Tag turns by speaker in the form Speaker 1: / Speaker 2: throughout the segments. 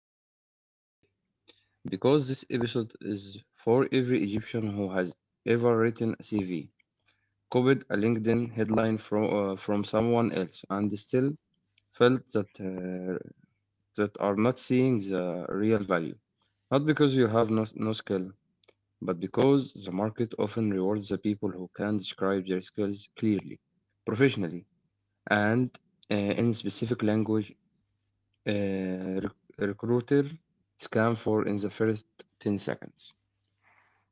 Speaker 1: for joining us today because this episode is for every Egyptian who has ever written a CV, copied a LinkedIn headline from someone else, and still felt that are not seeing the real value. Not because you have no skill, but because the market often rewards the people who can describe their skills clearly, professionally, and in specific language recruiter scam for in the first 10 seconds.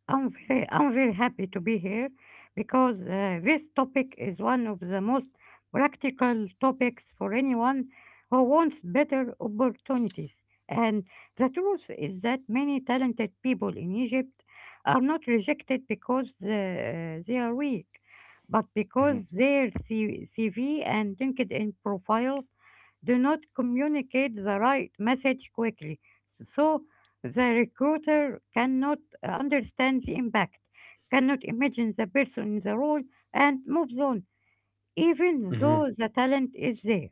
Speaker 2: I'm very happy to be here because this topic is one of the most practical topics for anyone who wants better opportunities. And the truth is that many talented people in Egypt are not rejected because they are weak, but
Speaker 1: hmm
Speaker 2: because their CV and LinkedIn profile do not communicate the right message quickly, so the recruiter cannot understand the impact, cannot imagine the person in the role, and moves on, even
Speaker 1: hmm
Speaker 2: though the talent is there.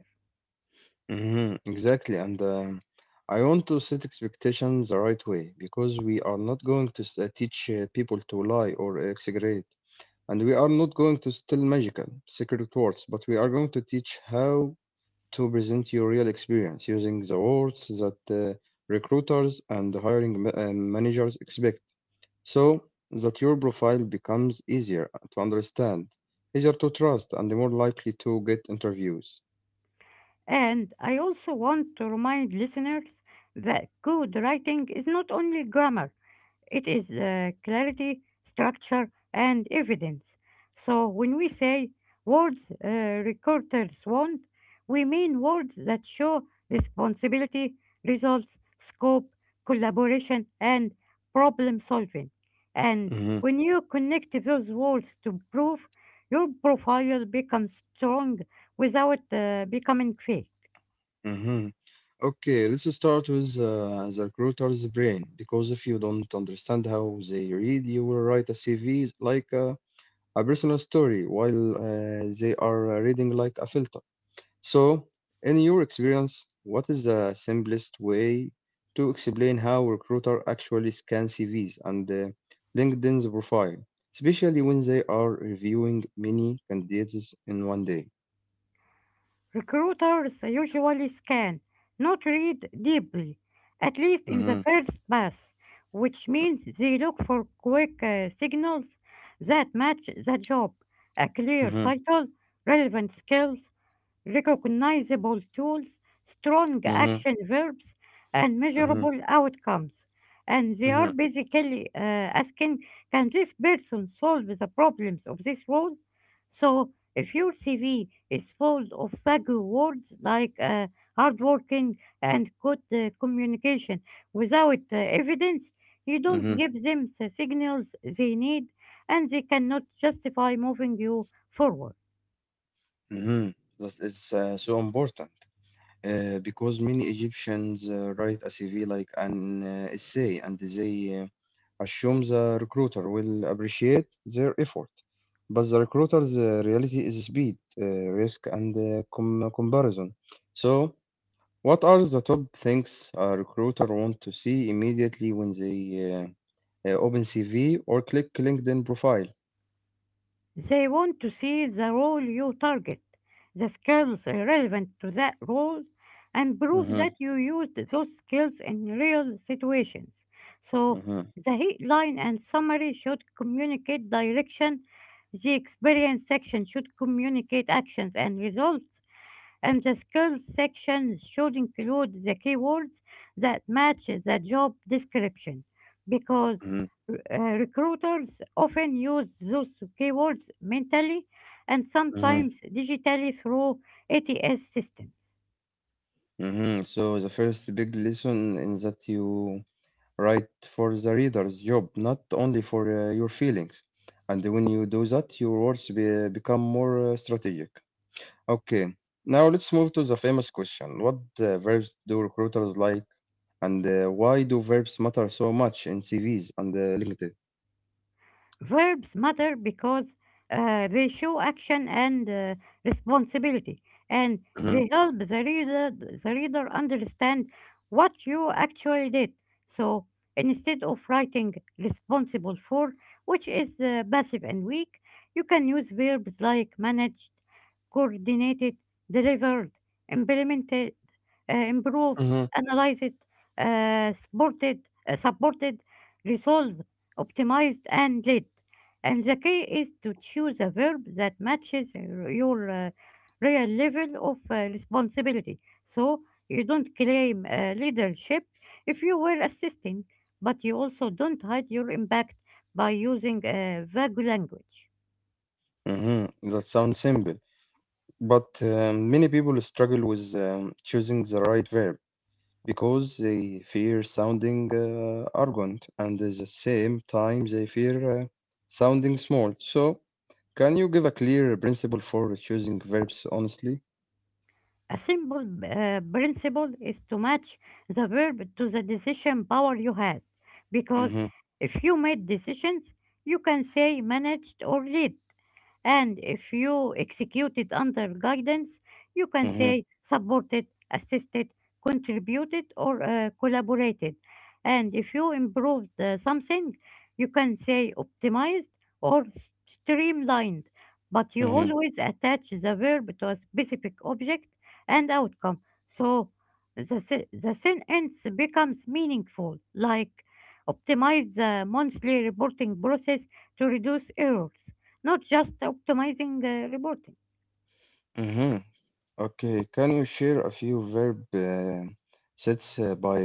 Speaker 1: Exactly. And I want to set expectations the right way because we are not going to teach people to lie or exaggerate. And we are not going to tell magical secret words, but we are going to teach how to present your real experience using the words that recruiters and hiring managers expect, so that your profile becomes easier to understand, easier to trust, and more likely to get interviews.
Speaker 2: And I also want to remind listeners that good writing is not only grammar, it is clarity, structure, and evidence. So when we say words recruiters want, we mean words that show responsibility, results, scope, collaboration, and problem solving. And
Speaker 1: hmm
Speaker 2: when you connect those words to proof, your profile becomes strong without becoming fake.
Speaker 1: hmm Okay, let's start with the recruiter's brain, because if you don't understand how they read, you will write a CV like a personal story while they are reading like a filter. So, in your experience, what is the simplest way to explain how recruiter actually scan CVs and LinkedIn's profile, especially when they are reviewing many candidates in 1 day?
Speaker 2: Recruiters usually scan, not read deeply, at least in the
Speaker 1: Mhm,
Speaker 2: first pass, which means they look for quick signals that match the job, a clear
Speaker 1: mhm,
Speaker 2: title, relevant skills, recognizable tools, strong
Speaker 1: mhm,
Speaker 2: action verbs, and
Speaker 1: mhm,
Speaker 2: measurable outcomes. And they
Speaker 1: mhm,
Speaker 2: are basically asking, can this person solve the problems of this role? So if your CV is full of vague words like hardworking and good communication without evidence, you don't
Speaker 1: mhm,
Speaker 2: give them the signals they need and they cannot justify moving you forward.
Speaker 1: mhm. That is so important because many Egyptians write a CV like an essay, and they assume the recruiter will appreciate their effort. But the recruiter's reality is speed, risk, and comparison. So, what are the top things a recruiter want to see immediately when they uh, open CV or click LinkedIn profile?
Speaker 2: They want to see the role you target, the skills relevant to that role, and prove that
Speaker 1: Mhm,
Speaker 2: you used those skills in real situations. So
Speaker 1: mhm,
Speaker 2: the headline and summary should communicate direction, the experience section should communicate actions and results, and the skills section should include the keywords that match the job description because
Speaker 1: mhm,
Speaker 2: recruiters often use those keywords mentally and
Speaker 1: mhm,
Speaker 2: sometimes digitally through ATS systems.
Speaker 1: mhm. So, the first big lesson in that you write for the reader's job, not only for your feelings. And when you do that, your become more strategic. Okay, now let's move to the famous question. What verbs do recruiters like? And why do verbs matter so much in CVs and LinkedIn?
Speaker 2: Verbs matter because they show action and responsibility, and they
Speaker 1: hmm
Speaker 2: help the reader understand what you actually did. So instead of writing responsible for, which is passive and weak, you can use verbs like managed, coordinated, delivered, implemented, improved,
Speaker 1: hmm
Speaker 2: analyzed, supported, uh, supported, resolved, optimized, and lead. And the key is to choose a verb that matches your real level of responsibility. So you don't claim leadership if you were assisting, but you also don't hide your impact by using vague language.
Speaker 1: hmm That sounds simple, but many people struggle with choosing the right verb, because they fear sounding arrogant, and at the same time they fear sounding small. So, can you give a clear principle for choosing verbs honestly?
Speaker 2: A simple principle is to match the verb to the decision power you had, because
Speaker 1: Mm-hmm,
Speaker 2: if you made decisions, you can say managed or lead. And if you execute it under guidance, you can
Speaker 1: mm-hmm,
Speaker 2: say supported, assisted, contributed, or collaborated. And if you improved something, you can say optimized or streamlined. But you
Speaker 1: mm-hmm,
Speaker 2: always attach the verb to a specific object and outcome. So the sentence becomes meaningful, like optimize the monthly reporting process to reduce errors, not just optimizing reporting.
Speaker 1: mm-hmm. Okay, can you share a few verb sets by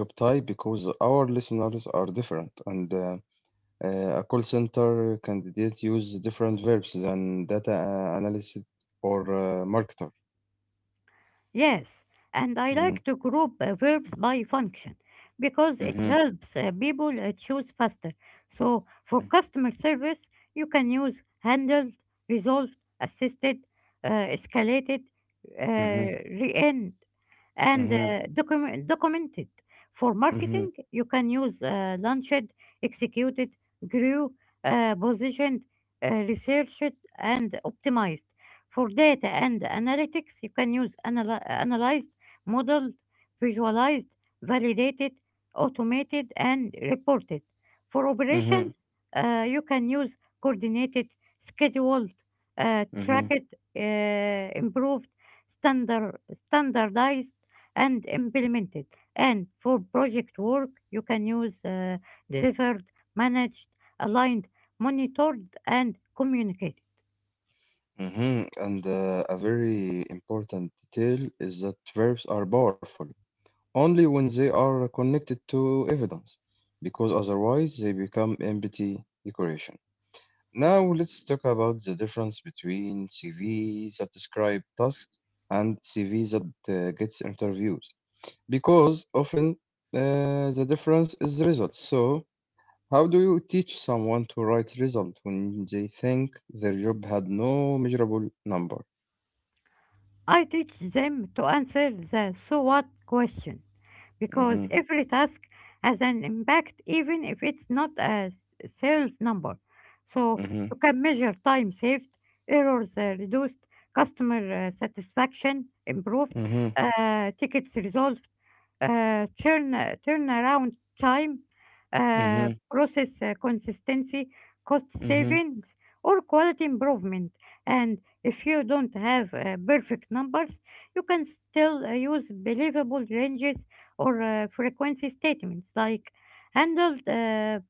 Speaker 1: job type, because our listeners are different, and a call center candidate use different verbs than data analyst or marketer?
Speaker 2: Yes, and I
Speaker 1: Mm-hmm,
Speaker 2: like to group verbs by function because it
Speaker 1: mm-hmm.
Speaker 2: helps people choose faster. So for customer service, you can use handled, resolved, assisted, uh, escalated,
Speaker 1: Mhm,
Speaker 2: re-end, and
Speaker 1: mhm,
Speaker 2: documented. For
Speaker 1: mhm,
Speaker 2: marketing, you can use launched, executed, grew, positioned, researched, and optimized. For data and analytics, you can use analyzed, modeled, visualized, validated, automated, and reported. For
Speaker 1: mhm,
Speaker 2: operations, you can use coordinated, scheduled,
Speaker 1: mhm,
Speaker 2: tracked, uh, improved, standardized, and implemented. And for project work, you can use delivered, managed, aligned, monitored, and communicated.
Speaker 1: mhm. And a very important detail is that verbs are powerful only when they are connected to evidence, because otherwise they become empty decoration. Now let's talk about the difference between CVs that describe tasks and CVs that gets interviews, because often the difference is the results. So, how do you teach someone to write result when they think their job had no measurable number?
Speaker 2: I teach them to answer the so what question because
Speaker 1: Mhm,
Speaker 2: every task has an impact even if it's not a sales number. So you
Speaker 1: mhm,
Speaker 2: can measure time saved, errors reduced, customer satisfaction improved,
Speaker 1: mhm,
Speaker 2: tickets resolved, turnaround time,
Speaker 1: mhm,
Speaker 2: process consistency, cost
Speaker 1: mhm,
Speaker 2: savings, or quality improvement. And if you don't have perfect numbers, you can still use believable ranges or frequency statements like handled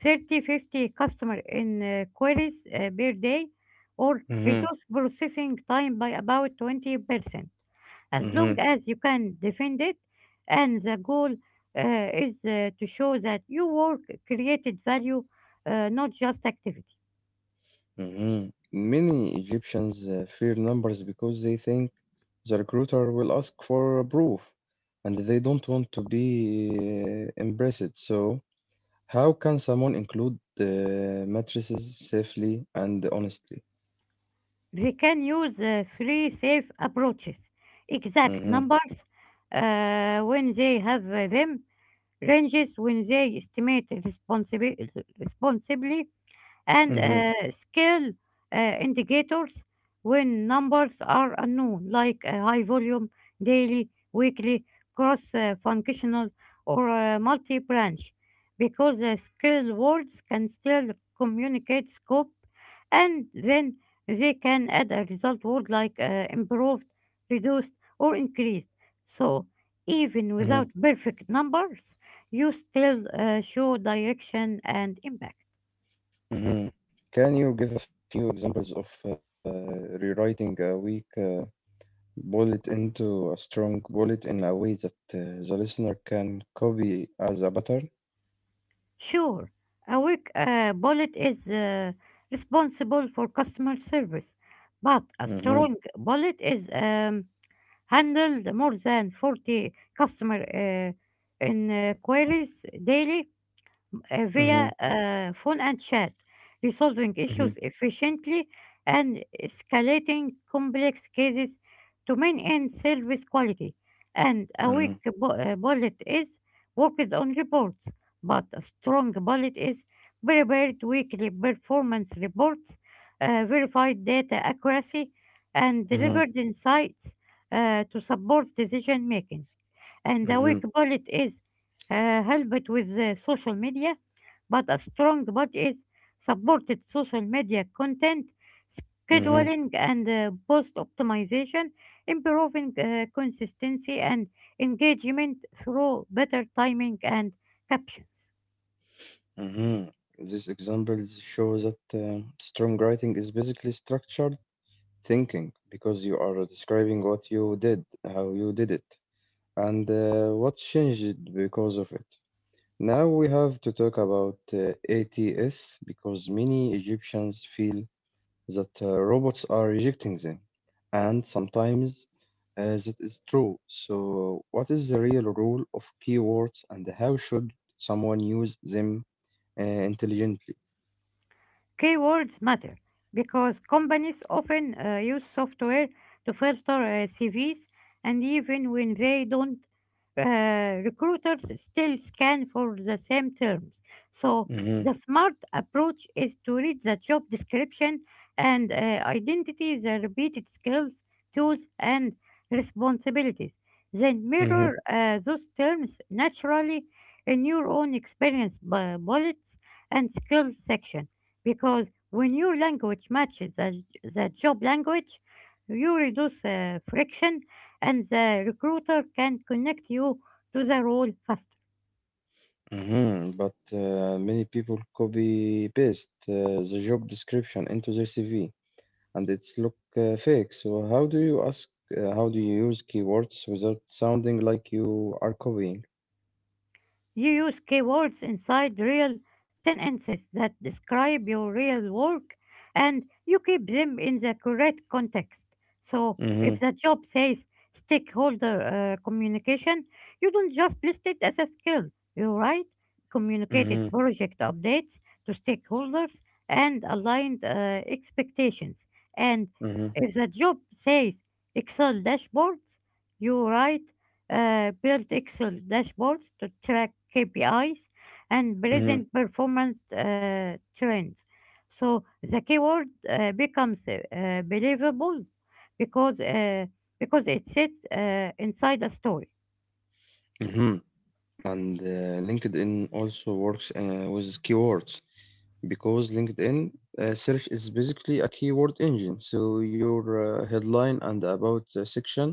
Speaker 2: 30 to 50 customer in queries per day, or
Speaker 1: mhm,
Speaker 2: reduce processing time by about 20% as long
Speaker 1: mhm,
Speaker 2: as you can defend it, and the goal is to show that your work created value, not just activity.
Speaker 1: mhm. Many Egyptians fear numbers because they think the recruiter will ask for proof, and they don't want to be impressed. So, how can someone include matrices safely and honestly?
Speaker 2: They can use three safe approaches: exact
Speaker 1: Mhm,
Speaker 2: numbers when they have them, ranges when they estimate responsibly, and
Speaker 1: mhm,
Speaker 2: scale indicators when numbers are unknown, like high volume, daily, weekly, cross functional, or multi branch, because scale words can still communicate scope, and then they can add a result word like improved, reduced, or increased. So even
Speaker 1: mhm.
Speaker 2: without perfect numbers, you still show direction and impact.
Speaker 1: Mhm. Can you give a few examples of rewriting a weak bullet into a strong bullet in a way that the listener can copy as a pattern?
Speaker 2: Sure, a weak bullet is responsible for customer service, but a
Speaker 1: Mhm,
Speaker 2: strong bullet is handled more than 40 customer inquiries daily
Speaker 1: mhm,
Speaker 2: via phone and chat, resolving
Speaker 1: mhm,
Speaker 2: issues efficiently and escalating complex cases to maintain service quality. And a
Speaker 1: mhm,
Speaker 2: weak bullet is worked on reports, but a strong bullet is prepared weekly performance reports, verified data accuracy, and
Speaker 1: mhm,
Speaker 2: delivered insights to support decision making. And a weak
Speaker 1: mhm,
Speaker 2: bullet is helped with the social media, but a strong bullet is supported social media content,
Speaker 1: mhm,
Speaker 2: scheduling, and post optimization, improving consistency and engagement through better timing and captions.
Speaker 1: mhm. These examples show that strong writing is basically structured thinking, because you are describing what you did, how you did it, and what changed because of it. Now we have to talk about ATS, because many Egyptians feel that robots are rejecting them, and sometimes that is true. So, what is the real role of keywords, and how should someone use them intelligently?
Speaker 2: Keywords matter because companies often use software to filter CVs, and even when they don't, recruiters still scan for the same terms. So
Speaker 1: hmm
Speaker 2: the smart approach is to read the job description and identity the repeated skills, tools, and responsibilities. Then
Speaker 1: hmm
Speaker 2: mirror those terms naturally in your own experience bullets and skills section, because when your language matches the job language, you reduce friction and the recruiter can connect you to the role fast.
Speaker 1: But many people copy paste the job description into their CV, and it's look fake. So how do you ask? How do you use keywords without sounding like you are copying?
Speaker 2: You use keywords inside real sentences that describe your real work and you keep them in the correct context. So,
Speaker 1: Mm-hmm,
Speaker 2: if the job says stakeholder communication, you don't just list it as a skill. You write communicated
Speaker 1: mm-hmm,
Speaker 2: project updates to stakeholders and aligned expectations. And
Speaker 1: mm-hmm,
Speaker 2: if the job says Excel dashboards, you write built Excel dashboards to track KPIs and
Speaker 1: mm-hmm,
Speaker 2: present performance trends. So the keyword becomes believable because because it sits inside a story.
Speaker 1: mm-hmm. And LinkedIn also works with keywords, because LinkedIn search is basically a keyword engine. So your headline and about section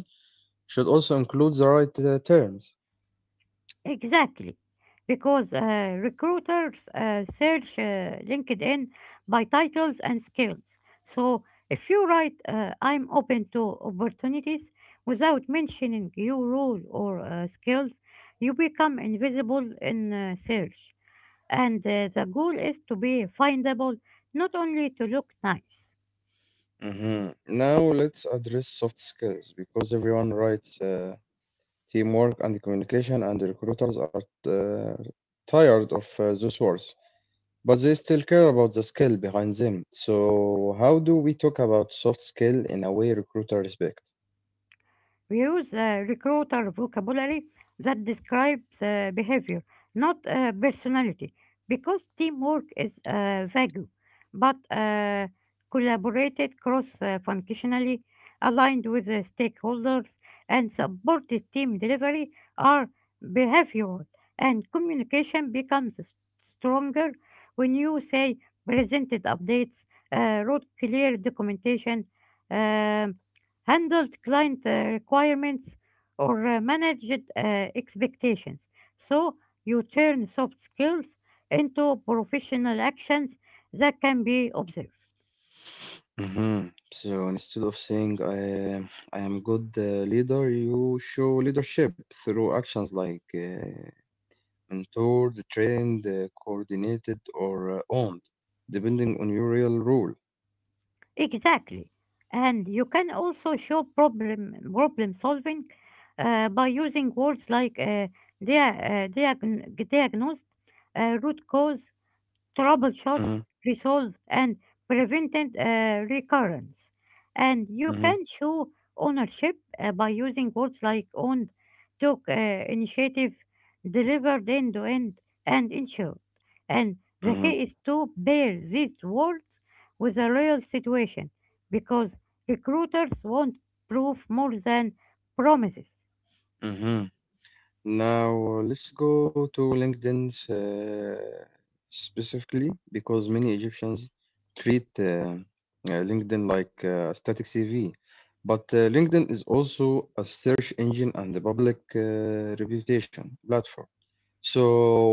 Speaker 1: should also include the right terms.
Speaker 2: Exactly, because recruiters search LinkedIn by titles and skills. So if you write, I'm open to opportunities without mentioning your role or skills, you become invisible in search. And the goal is to be findable, not only to look nice.
Speaker 1: Mm-hmm. Now let's address soft skills, because everyone writes teamwork and communication, and recruiters are tired of those words, but they still care about the skill behind them. So, how do we talk about soft skill in a way recruiter respect?
Speaker 2: We use recruiter vocabulary that describes behavior, not personality, because teamwork is vague, but collaborated cross functionally, aligned with the stakeholders, and supported team delivery are behavioral, and communication becomes stronger when you say presented updates, wrote clear documentation, um handled client requirements, or managed expectations. So you turn soft skills into professional actions that can be observed.
Speaker 1: Mhm. So instead of saying I am good leader, you show leadership through actions like mentored, trained, coordinated, or owned, depending on your real role.
Speaker 2: Exactly. And you can also show problem solving by using words like diagnosed, root cause, troubleshoot,
Speaker 1: Mm-hmm,
Speaker 2: resolve, and prevented recurrence. And you can show ownership by using words like owned, took initiative, delivered end to end, and ensured. And the
Speaker 1: mm-hmm,
Speaker 2: key is to pair these words with a real situation because recruiters want proof more than promises.
Speaker 1: mm-hmm. Now let's go to LinkedIn specifically, because many Egyptians treat LinkedIn like a static CV, but LinkedIn is also a search engine and a public reputation platform. So,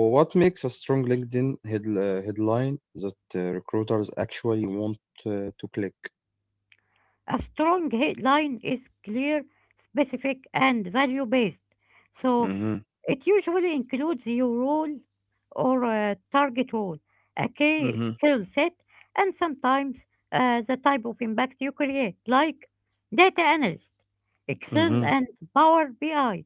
Speaker 1: what makes a strong LinkedIn headline that recruiters actually want to click?
Speaker 2: A strong headline is clear, specific, and value based. So
Speaker 1: hmm
Speaker 2: it usually includes your role or target role, a key
Speaker 1: hmm
Speaker 2: skill set, and sometimes the type of impact you create, like data analyst, Excel,
Speaker 1: hmm
Speaker 2: and Power BI,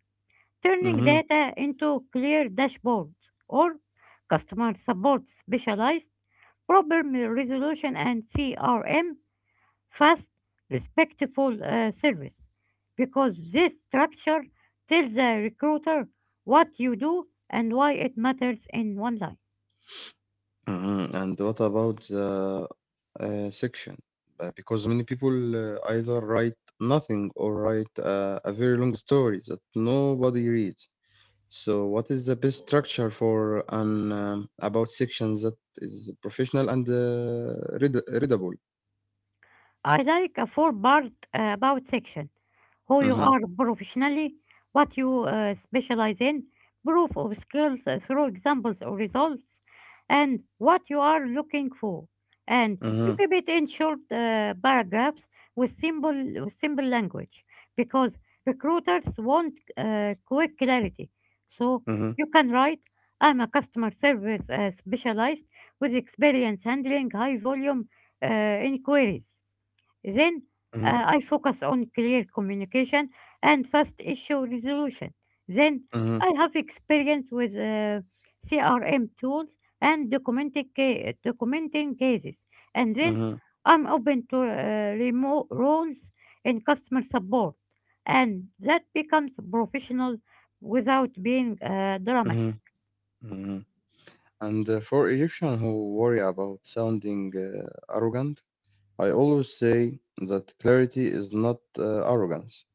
Speaker 2: turning
Speaker 1: hmm
Speaker 2: data into clear dashboards, or customer support specialized problem resolution and CRM, fast, respectful service, because this structure tells the recruiter what you do and why it matters in one line.
Speaker 1: Mhm. And what about the section? Because many people either write nothing or write a very long story that nobody reads. So, what is the best structure for an about section that is professional and readable?
Speaker 2: I like a four-part about section. Who you
Speaker 1: Mm-hmm.
Speaker 2: are professionally, what you specialize in, proof of skills through examples or results, and what you are looking for. And you
Speaker 1: Mm-hmm.
Speaker 2: keep it in short paragraphs with with simple language because recruiters want quick clarity. So
Speaker 1: Mm-hmm.
Speaker 2: you can write, I'm a customer service specialist with experience handling high volume uh, inquiries. Then I focus on clear communication and fast issue resolution. Then
Speaker 1: Mm-hmm.
Speaker 2: I have experience with CRM tools and documenting cases. And then
Speaker 1: Mm-hmm. Mm-hmm.
Speaker 2: I'm open to remote roles in customer support. And that becomes professional without being dramatic.
Speaker 1: Mm-hmm. Mm-hmm. And for Egyptian who worry about sounding arrogant, I always say that clarity is not arrogance,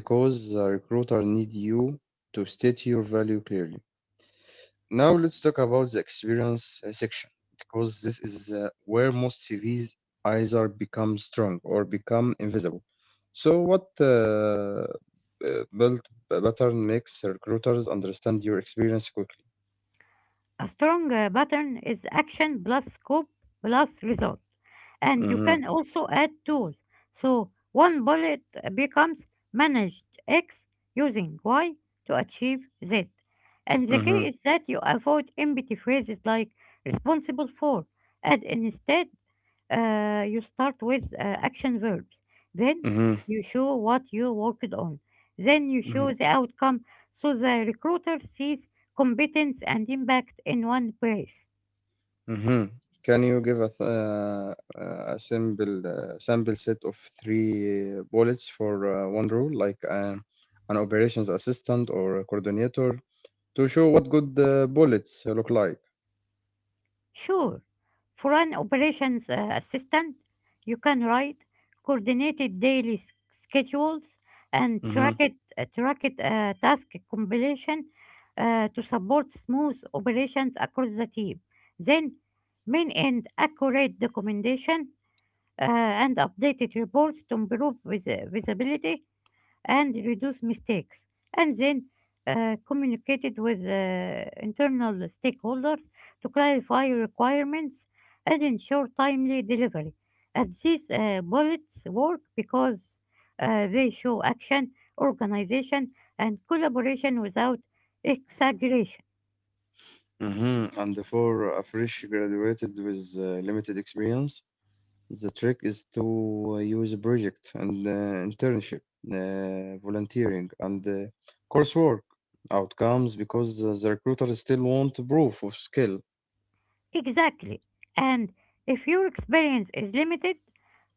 Speaker 1: because the recruiter need you to state your value clearly. Now let's talk about the experience section, because this is where most CVs either become strong or become invisible. So what built pattern makes recruiters understand your experience quickly?
Speaker 2: A strong pattern is action plus scope plus result. And you
Speaker 1: Mm-hmm,
Speaker 2: can also add tools. So one bullet becomes managed X using Y to achieve Z. And the key
Speaker 1: mm-hmm,
Speaker 2: is that you avoid empty phrases like responsible for, and instead you start with action verbs. Then
Speaker 1: mm-hmm,
Speaker 2: you show what you worked on. Then you
Speaker 1: mm-hmm.
Speaker 2: show the outcome so the recruiter sees competence and impact in one place.
Speaker 1: Mhm. Can you give us a simple sample set of three bullets for one role, like an operations assistant or a coordinator, to show what good bullets look like?
Speaker 2: Sure, for an operations assistant, you can write coordinated daily schedules and
Speaker 1: hmm
Speaker 2: track it task completion to support smooth operations across the team. Then, main and accurate documentation and updated reports to improve visibility and reduce mistakes, and then communicated with internal stakeholders to clarify requirements and ensure timely delivery. And these bullets work because they show action, organization, and collaboration without exaggeration.
Speaker 1: And for a fresh graduated with limited experience, the trick is to use project and internship, volunteering, and coursework outcomes, because the recruiters still want proof of skill.
Speaker 2: Exactly. And if your experience is limited,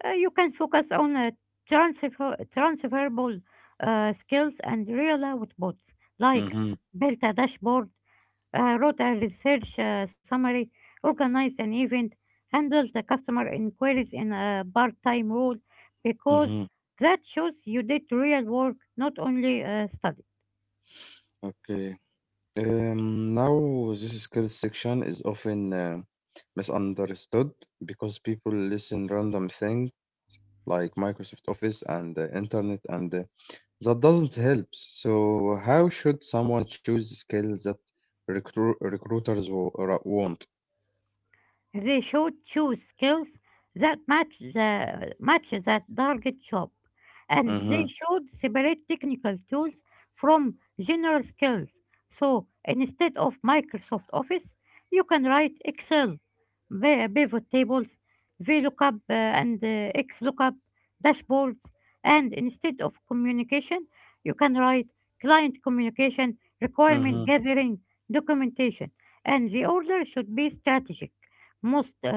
Speaker 2: you can focus on transferable skills and real outputs like
Speaker 1: Mhm,
Speaker 2: build a dashboard, wrote a research summary, organize an event, handle the customer inquiries in a part-time role because
Speaker 1: mhm.
Speaker 2: that shows you did real work, not only study.
Speaker 1: Okay. Now this skill section is often misunderstood because people listen random thing like Microsoft Office and the internet, and that doesn't help. So how should someone choose skills that recruiters want?
Speaker 2: They should choose skills that match that target job, and
Speaker 1: Mm-hmm,
Speaker 2: they should separate technical tools from general skills. So instead of Microsoft Office, you can write Excel, pivot tables, VLOOKUP and XLOOKUP, dashboards, and instead of communication, you can write client communication, requirement
Speaker 1: mm-hmm,
Speaker 2: gathering, documentation, and the order should be strategic, most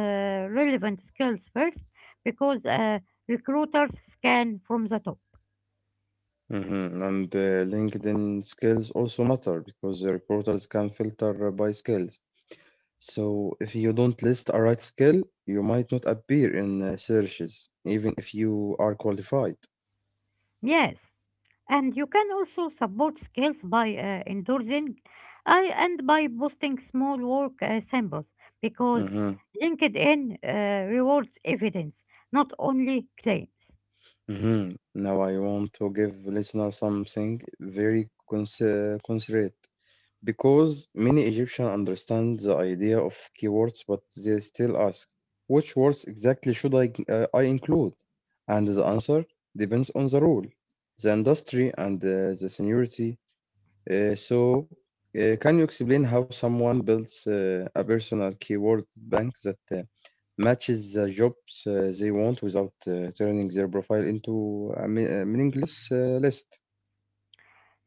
Speaker 2: relevant skills first because recruiters scan from the top.
Speaker 1: mm-hmm. And LinkedIn skills also matter, because the recruiters can filter by skills. So if you don't list a right skill, you might not appear in searches, even if you are qualified.
Speaker 2: Yes, and you can also support skills by endorsing and by posting small work samples because
Speaker 1: hmm
Speaker 2: LinkedIn rewards evidence, not only claims.
Speaker 1: Now I want to give listeners something very considerate, because many Egyptians understand the idea of keywords, but they still ask, which words exactly should I include? And the answer depends on the rule, the industry, and the seniority. So, can you explain how someone builds a personal keyword bank that uh, matches the jobs they want without turning their profile into a meaningless list?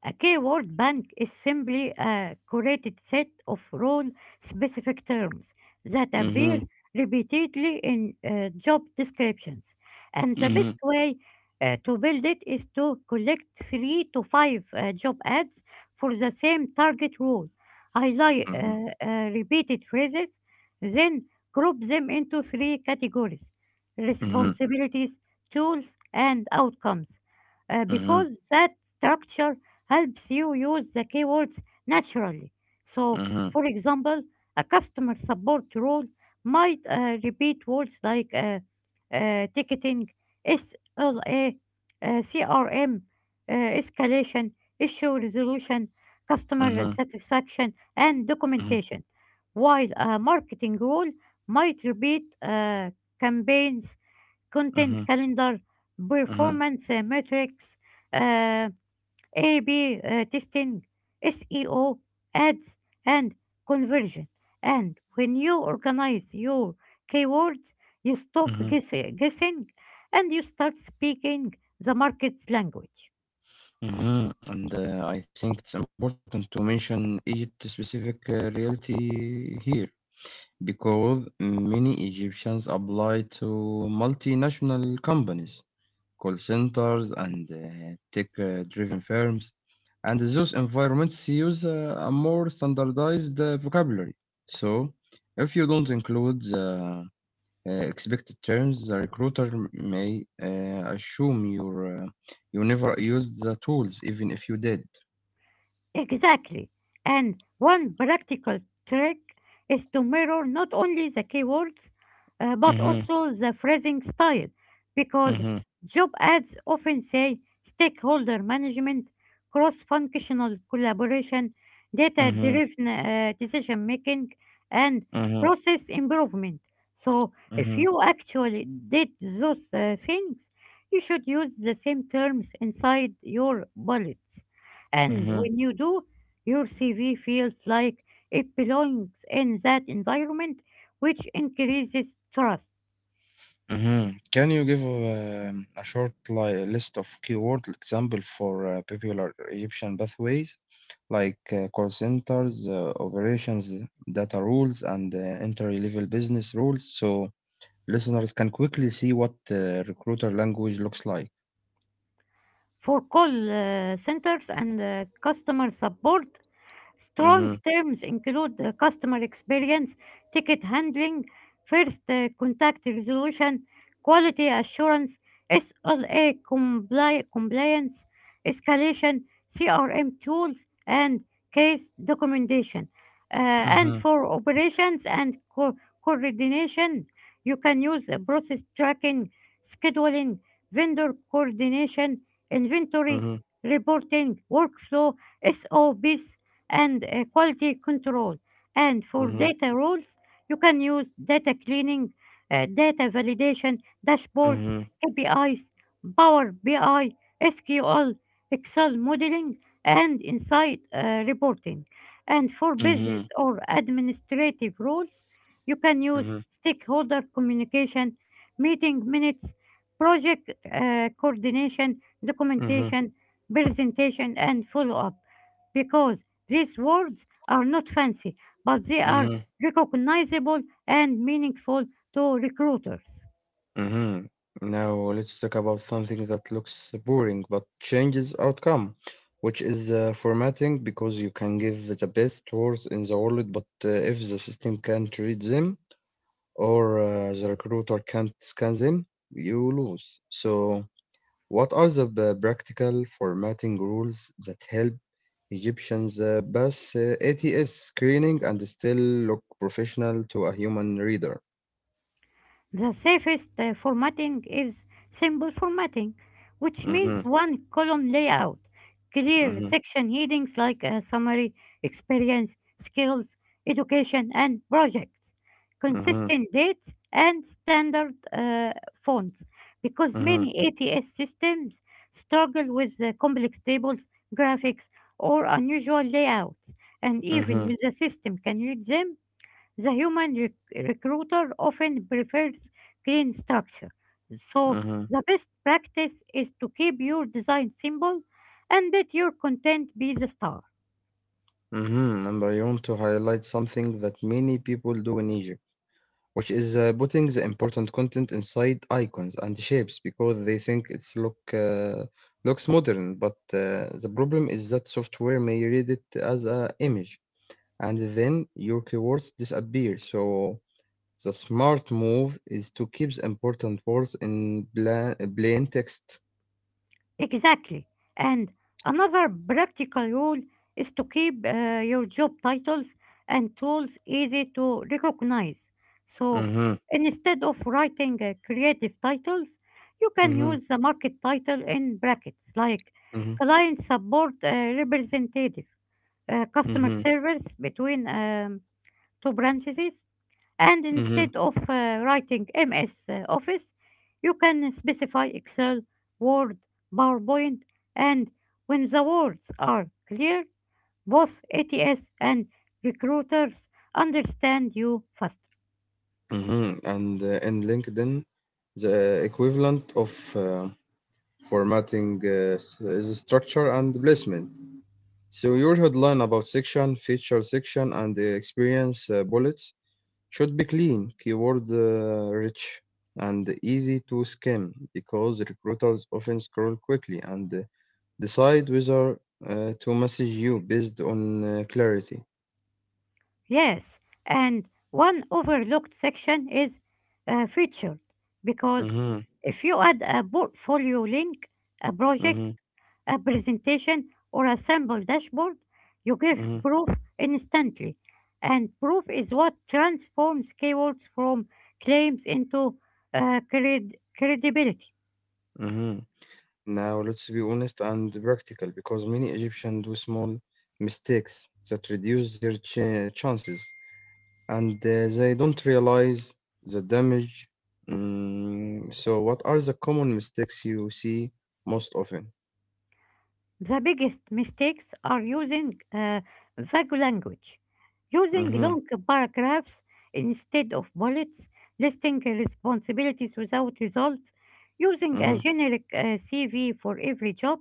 Speaker 2: A keyword bank is simply a curated set of role specific terms that
Speaker 1: Mm-hmm.
Speaker 2: appear repeatedly in job descriptions. And the
Speaker 1: Mm-hmm.
Speaker 2: best way to build it is to collect three to five job ads for the same target role, highlight
Speaker 1: Mm-hmm.
Speaker 2: repeated phrases, then group them into three categories:
Speaker 1: Mm-hmm.
Speaker 2: responsibilities, tools, and outcomes.
Speaker 1: Mm-hmm.
Speaker 2: Because that structure helps you use the keywords naturally. So,
Speaker 1: Mm-hmm.
Speaker 2: for example, a customer support role might repeat words like ticketing, SLA, CRM, escalation, issue resolution, customer
Speaker 1: Mm-hmm.
Speaker 2: satisfaction, and documentation. While a marketing role might repeat campaigns, content
Speaker 1: Mm-hmm.
Speaker 2: calendar, performance metrics, uh, a/B testing, SEO, ads, and conversion. And when you organize your keywords, you stop
Speaker 1: Mm-hmm.
Speaker 2: guessing and you start speaking the market's language.
Speaker 1: Mm-hmm. And I think it's important to mention Egypt specific reality here, because many Egyptians apply to multinational companies, call centers, and tech-driven firms. And those environments use a more standardized vocabulary. So, if you don't include the expected terms, the recruiter may assume you never used the tools, even if you did.
Speaker 2: Exactly. And one practical trick is to mirror not only the keywords but
Speaker 1: Mm-hmm.
Speaker 2: also the phrasing style because
Speaker 1: Mm-hmm.
Speaker 2: job ads often say stakeholder management, cross functional collaboration, data
Speaker 1: Mm-hmm.
Speaker 2: driven decision making, and process improvement. So,
Speaker 1: Mm-hmm.
Speaker 2: if you actually did those things, you should use the same terms inside your bullets. And
Speaker 1: Mm-hmm.
Speaker 2: when you do, your CV feels like it belongs in that environment, which increases trust.
Speaker 1: Mhm. Can you give a short list of keyword like example for popular Egyptian pathways like call centers, operations, data rules, and entry-level business rules, so listeners can quickly see what recruiter language looks like?
Speaker 2: For call centers and customer support, strong
Speaker 1: Mhm.
Speaker 2: terms include customer experience, ticket handling, first contact resolution, quality assurance, SLA compliance, escalation, CRM tools, and case documentation.
Speaker 1: Mhm.
Speaker 2: And for operations and coordination, you can use process tracking, scheduling, vendor coordination, inventory
Speaker 1: Mhm.
Speaker 2: reporting, workflow, SOPs, and quality control. And for
Speaker 1: Mhm.
Speaker 2: data roles, you can use data cleaning, data validation, dashboards,
Speaker 1: Mhm.
Speaker 2: KPIs, Power BI, SQL, Excel modeling, and insight reporting. And for
Speaker 1: Mhm.
Speaker 2: business or administrative roles, you can
Speaker 1: Mhm.
Speaker 2: use stakeholder communication, meeting minutes, project coordination,
Speaker 1: Mhm.
Speaker 2: documentation, presentation, and follow up because these words are not fancy, but they
Speaker 1: Mhm.
Speaker 2: are recognizable and meaningful to recruiters.
Speaker 1: hmm Now let's talk about something that looks boring but changes outcome, which is formatting, because you can give the best words in the world, but if the system can't read them or the recruiter can't scan them, you lose. So, what are the practical formatting rules that help Egyptians pass ATS screening and still look professional to a human reader?
Speaker 2: The safest formatting is simple formatting, which
Speaker 1: Mm-hmm,
Speaker 2: means one column layout, clear
Speaker 1: mm-hmm,
Speaker 2: section headings like summary, experience, skills, education, and projects,
Speaker 1: mm-hmm,
Speaker 2: consistent dates, and standard fonts, because many ATS systems struggle with complex tables, graphics, or unusual layouts, and
Speaker 1: mm-hmm.
Speaker 2: even when the system can read them, the human recruiter often prefers clean structure, so
Speaker 1: Mhm,
Speaker 2: the best practice is to keep your design simple and let your content be the star.
Speaker 1: mhm. And I want to highlight something that many people do in Egypt, which is putting the important content inside icons and shapes because they think it's look looks modern. But the problem is that software may read it as a image, and then your keywords disappear. So the smart move is to keep the important words in plain text.
Speaker 2: Exactly. And another practical rule is to keep your job titles and tools easy to recognize. So
Speaker 1: Mm-hmm,
Speaker 2: instead of writing creative titles, you can
Speaker 1: mm-hmm,
Speaker 2: use the market title in brackets like
Speaker 1: mm-hmm,
Speaker 2: client support representative, customer
Speaker 1: mm-hmm,
Speaker 2: servers between two branches, and
Speaker 1: mm-hmm.
Speaker 2: instead of writing MS Office, you can specify Excel, Word, PowerPoint, and when the words are clear, both ATS and recruiters understand you faster.
Speaker 1: Mhm. And in LinkedIn, the equivalent of formatting is structure and placement. So your headline about section, feature section, and the experience bullets should be clean, keyword rich, and easy to skim, because recruiters often scroll quickly and decide whether to message you based on clarity.
Speaker 2: Yes, and one overlooked section is featured because
Speaker 1: Mm-hmm,
Speaker 2: if you add a portfolio link, a project,
Speaker 1: mm-hmm,
Speaker 2: a presentation, or a sample dashboard, you give proof instantly. And proof is what transforms keywords from claims into credibility.
Speaker 1: mm-hmm. Now, let's be honest and practical, because many Egyptians do small mistakes that reduce their chances, and they don't realize the damage. So, what are the common mistakes you see most often?
Speaker 2: The biggest mistakes are using vague language, using
Speaker 1: Mm-hmm,
Speaker 2: long paragraphs instead of bullets, listing responsibilities without results, using a
Speaker 1: mm-hmm,
Speaker 2: generic CV for every job,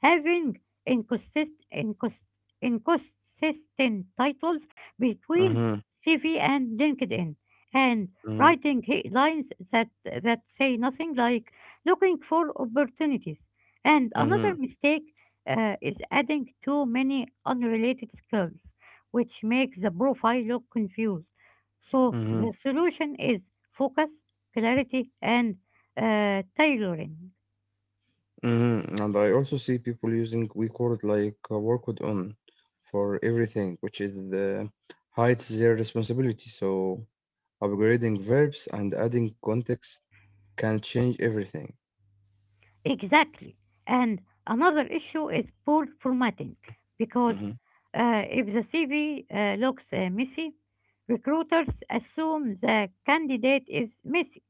Speaker 2: having inconsist- incons- inconsistent titles between CV and LinkedIn, and
Speaker 1: mm-hmm,
Speaker 2: writing headlines that say nothing like looking for opportunities. And another
Speaker 1: mm-hmm,
Speaker 2: mistake is adding too many unrelated skills, which makes the profile look confused. So
Speaker 1: mm-hmm.
Speaker 2: the solution is focus, clarity, and tailoring.
Speaker 1: Mm-hmm. And I also see people using weak word like work with on for everything, which is hides their responsibility. So upgrading verbs and adding context can change everything.
Speaker 2: Exactly. And another issue is poor formatting because
Speaker 1: Mm-hmm.
Speaker 2: if the CV looks messy, recruiters assume the candidate is messy.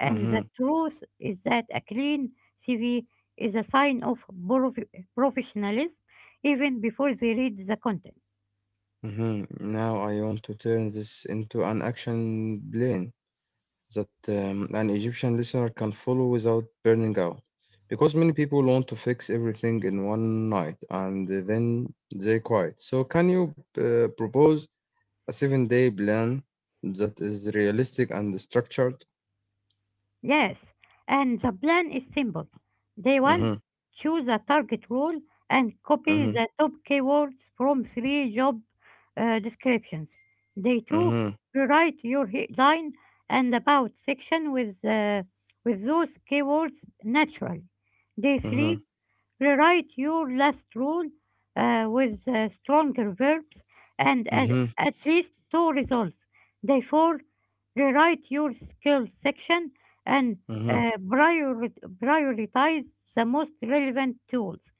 Speaker 2: And the
Speaker 1: Mm-hmm.
Speaker 2: truth is that a clean CV is a sign of prof- professionalism even before they read the content.
Speaker 1: Mm-hmm. Now I want to turn this into an action plan that an Egyptian listener can follow without burning out, because many people want to fix everything in one night and then they quit. So can you propose a 7 day plan that is realistic and structured?
Speaker 2: Yes, and the plan is simple. Day one,
Speaker 1: Mm-hmm,
Speaker 2: choose a target role and copy
Speaker 1: mm-hmm,
Speaker 2: the top keywords from three job descriptions. Day two,
Speaker 1: mm-hmm,
Speaker 2: rewrite your headline and about section with those keywords naturally. Day
Speaker 1: mm-hmm,
Speaker 2: three, rewrite your last rule with stronger verbs and at least two results. Therefore, rewrite your skills section and
Speaker 1: mm-hmm,
Speaker 2: uh, priori- prioritize the most relevant tools.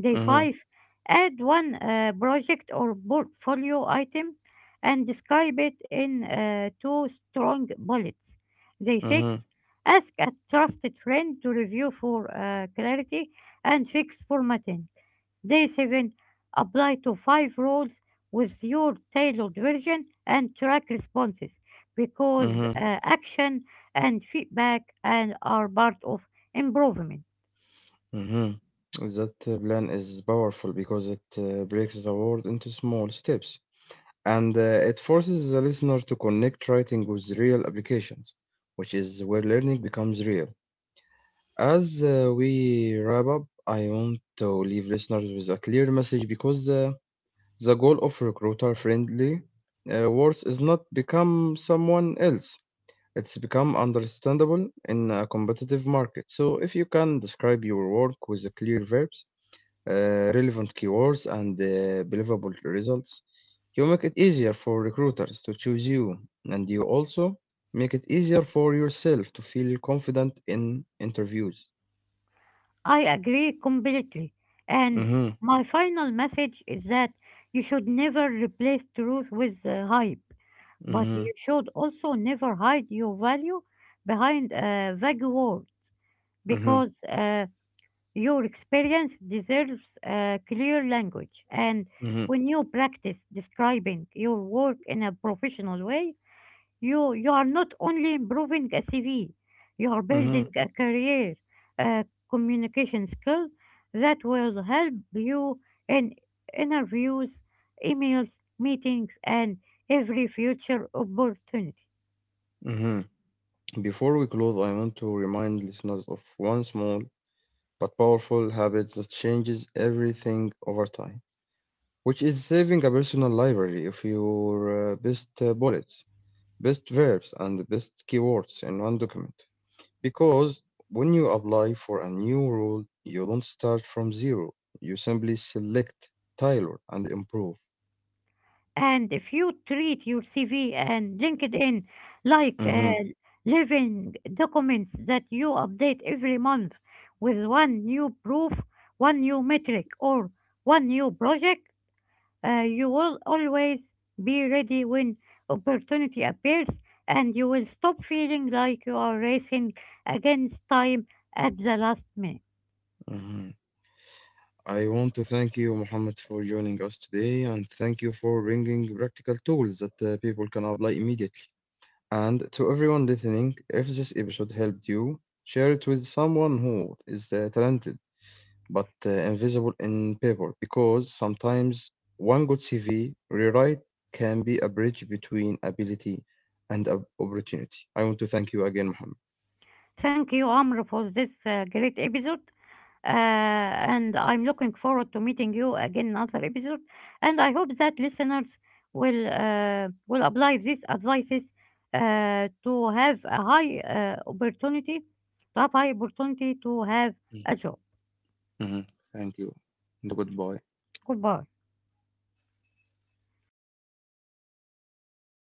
Speaker 2: Day
Speaker 1: mm-hmm,
Speaker 2: 5, add one project or portfolio item and describe it in two strong bullets. Day
Speaker 1: mm-hmm,
Speaker 2: 6, ask a trusted friend to review for clarity and fix formatting. Day 7, apply to 5 roles with your tailored version and track responses because
Speaker 1: mm-hmm.
Speaker 2: action and feedback and are part of improvement.
Speaker 1: Mm-hmm. That plan is powerful because it breaks the world into small steps, and it forces the listener to connect writing with real applications, which is where learning becomes real. As we wrap up, I want to leave listeners with a clear message, because the goal of recruiter friendly words is not become someone else. It's become understandable in a competitive market. So if you can describe your work with the clear verbs, relevant keywords, and believable results, you make it easier for recruiters to choose you, and you also make it easier for yourself to feel confident in interviews.
Speaker 2: I agree completely. And
Speaker 1: Mm-hmm.
Speaker 2: my final message is that you should never replace truth with hype, but
Speaker 1: Mm-hmm.
Speaker 2: you should also never hide your value behind a vague word
Speaker 1: Mm-hmm.
Speaker 2: because your experience deserves a clear language. And
Speaker 1: Mm-hmm.
Speaker 2: when you practice describing your work in a professional way, you are not only improving a CV, you are
Speaker 1: Mm-hmm.
Speaker 2: building a career, a communication skill that will help you in interviews, emails, meetings, and every future opportunity.
Speaker 1: Mm-hmm. Before we close, I want to remind listeners of one small but powerful habit that changes everything over time, which is saving a personal library of your best bullets, best verbs, and the best keywords in one document. Because when you apply for a new role, you don't start from zero, you simply select, tailor, and improve.
Speaker 2: And if you treat your CV and LinkedIn like
Speaker 1: Mhm,
Speaker 2: living documents that you update every month with one new proof, one new metric, or one new project, you will always be ready when opportunity appears, and you will stop feeling like you are racing against time at the last minute.
Speaker 1: mhm. I want to thank you, Mohammed, for joining us today, and thank you for bringing practical tools that people can apply immediately. And to everyone listening, if this episode helped you, share it with someone who is talented but invisible in paper, because sometimes one good CV rewrite can be a bridge between ability and opportunity. I want to thank you again, Mohammed.
Speaker 2: Thank you, Amr, for this great episode. And I'm looking forward to meeting you again in another episode. And I hope that listeners will apply these advices to have a high opportunity, to have high opportunity to have a job.
Speaker 1: Mm-hmm. Thank you. And goodbye.
Speaker 2: Goodbye.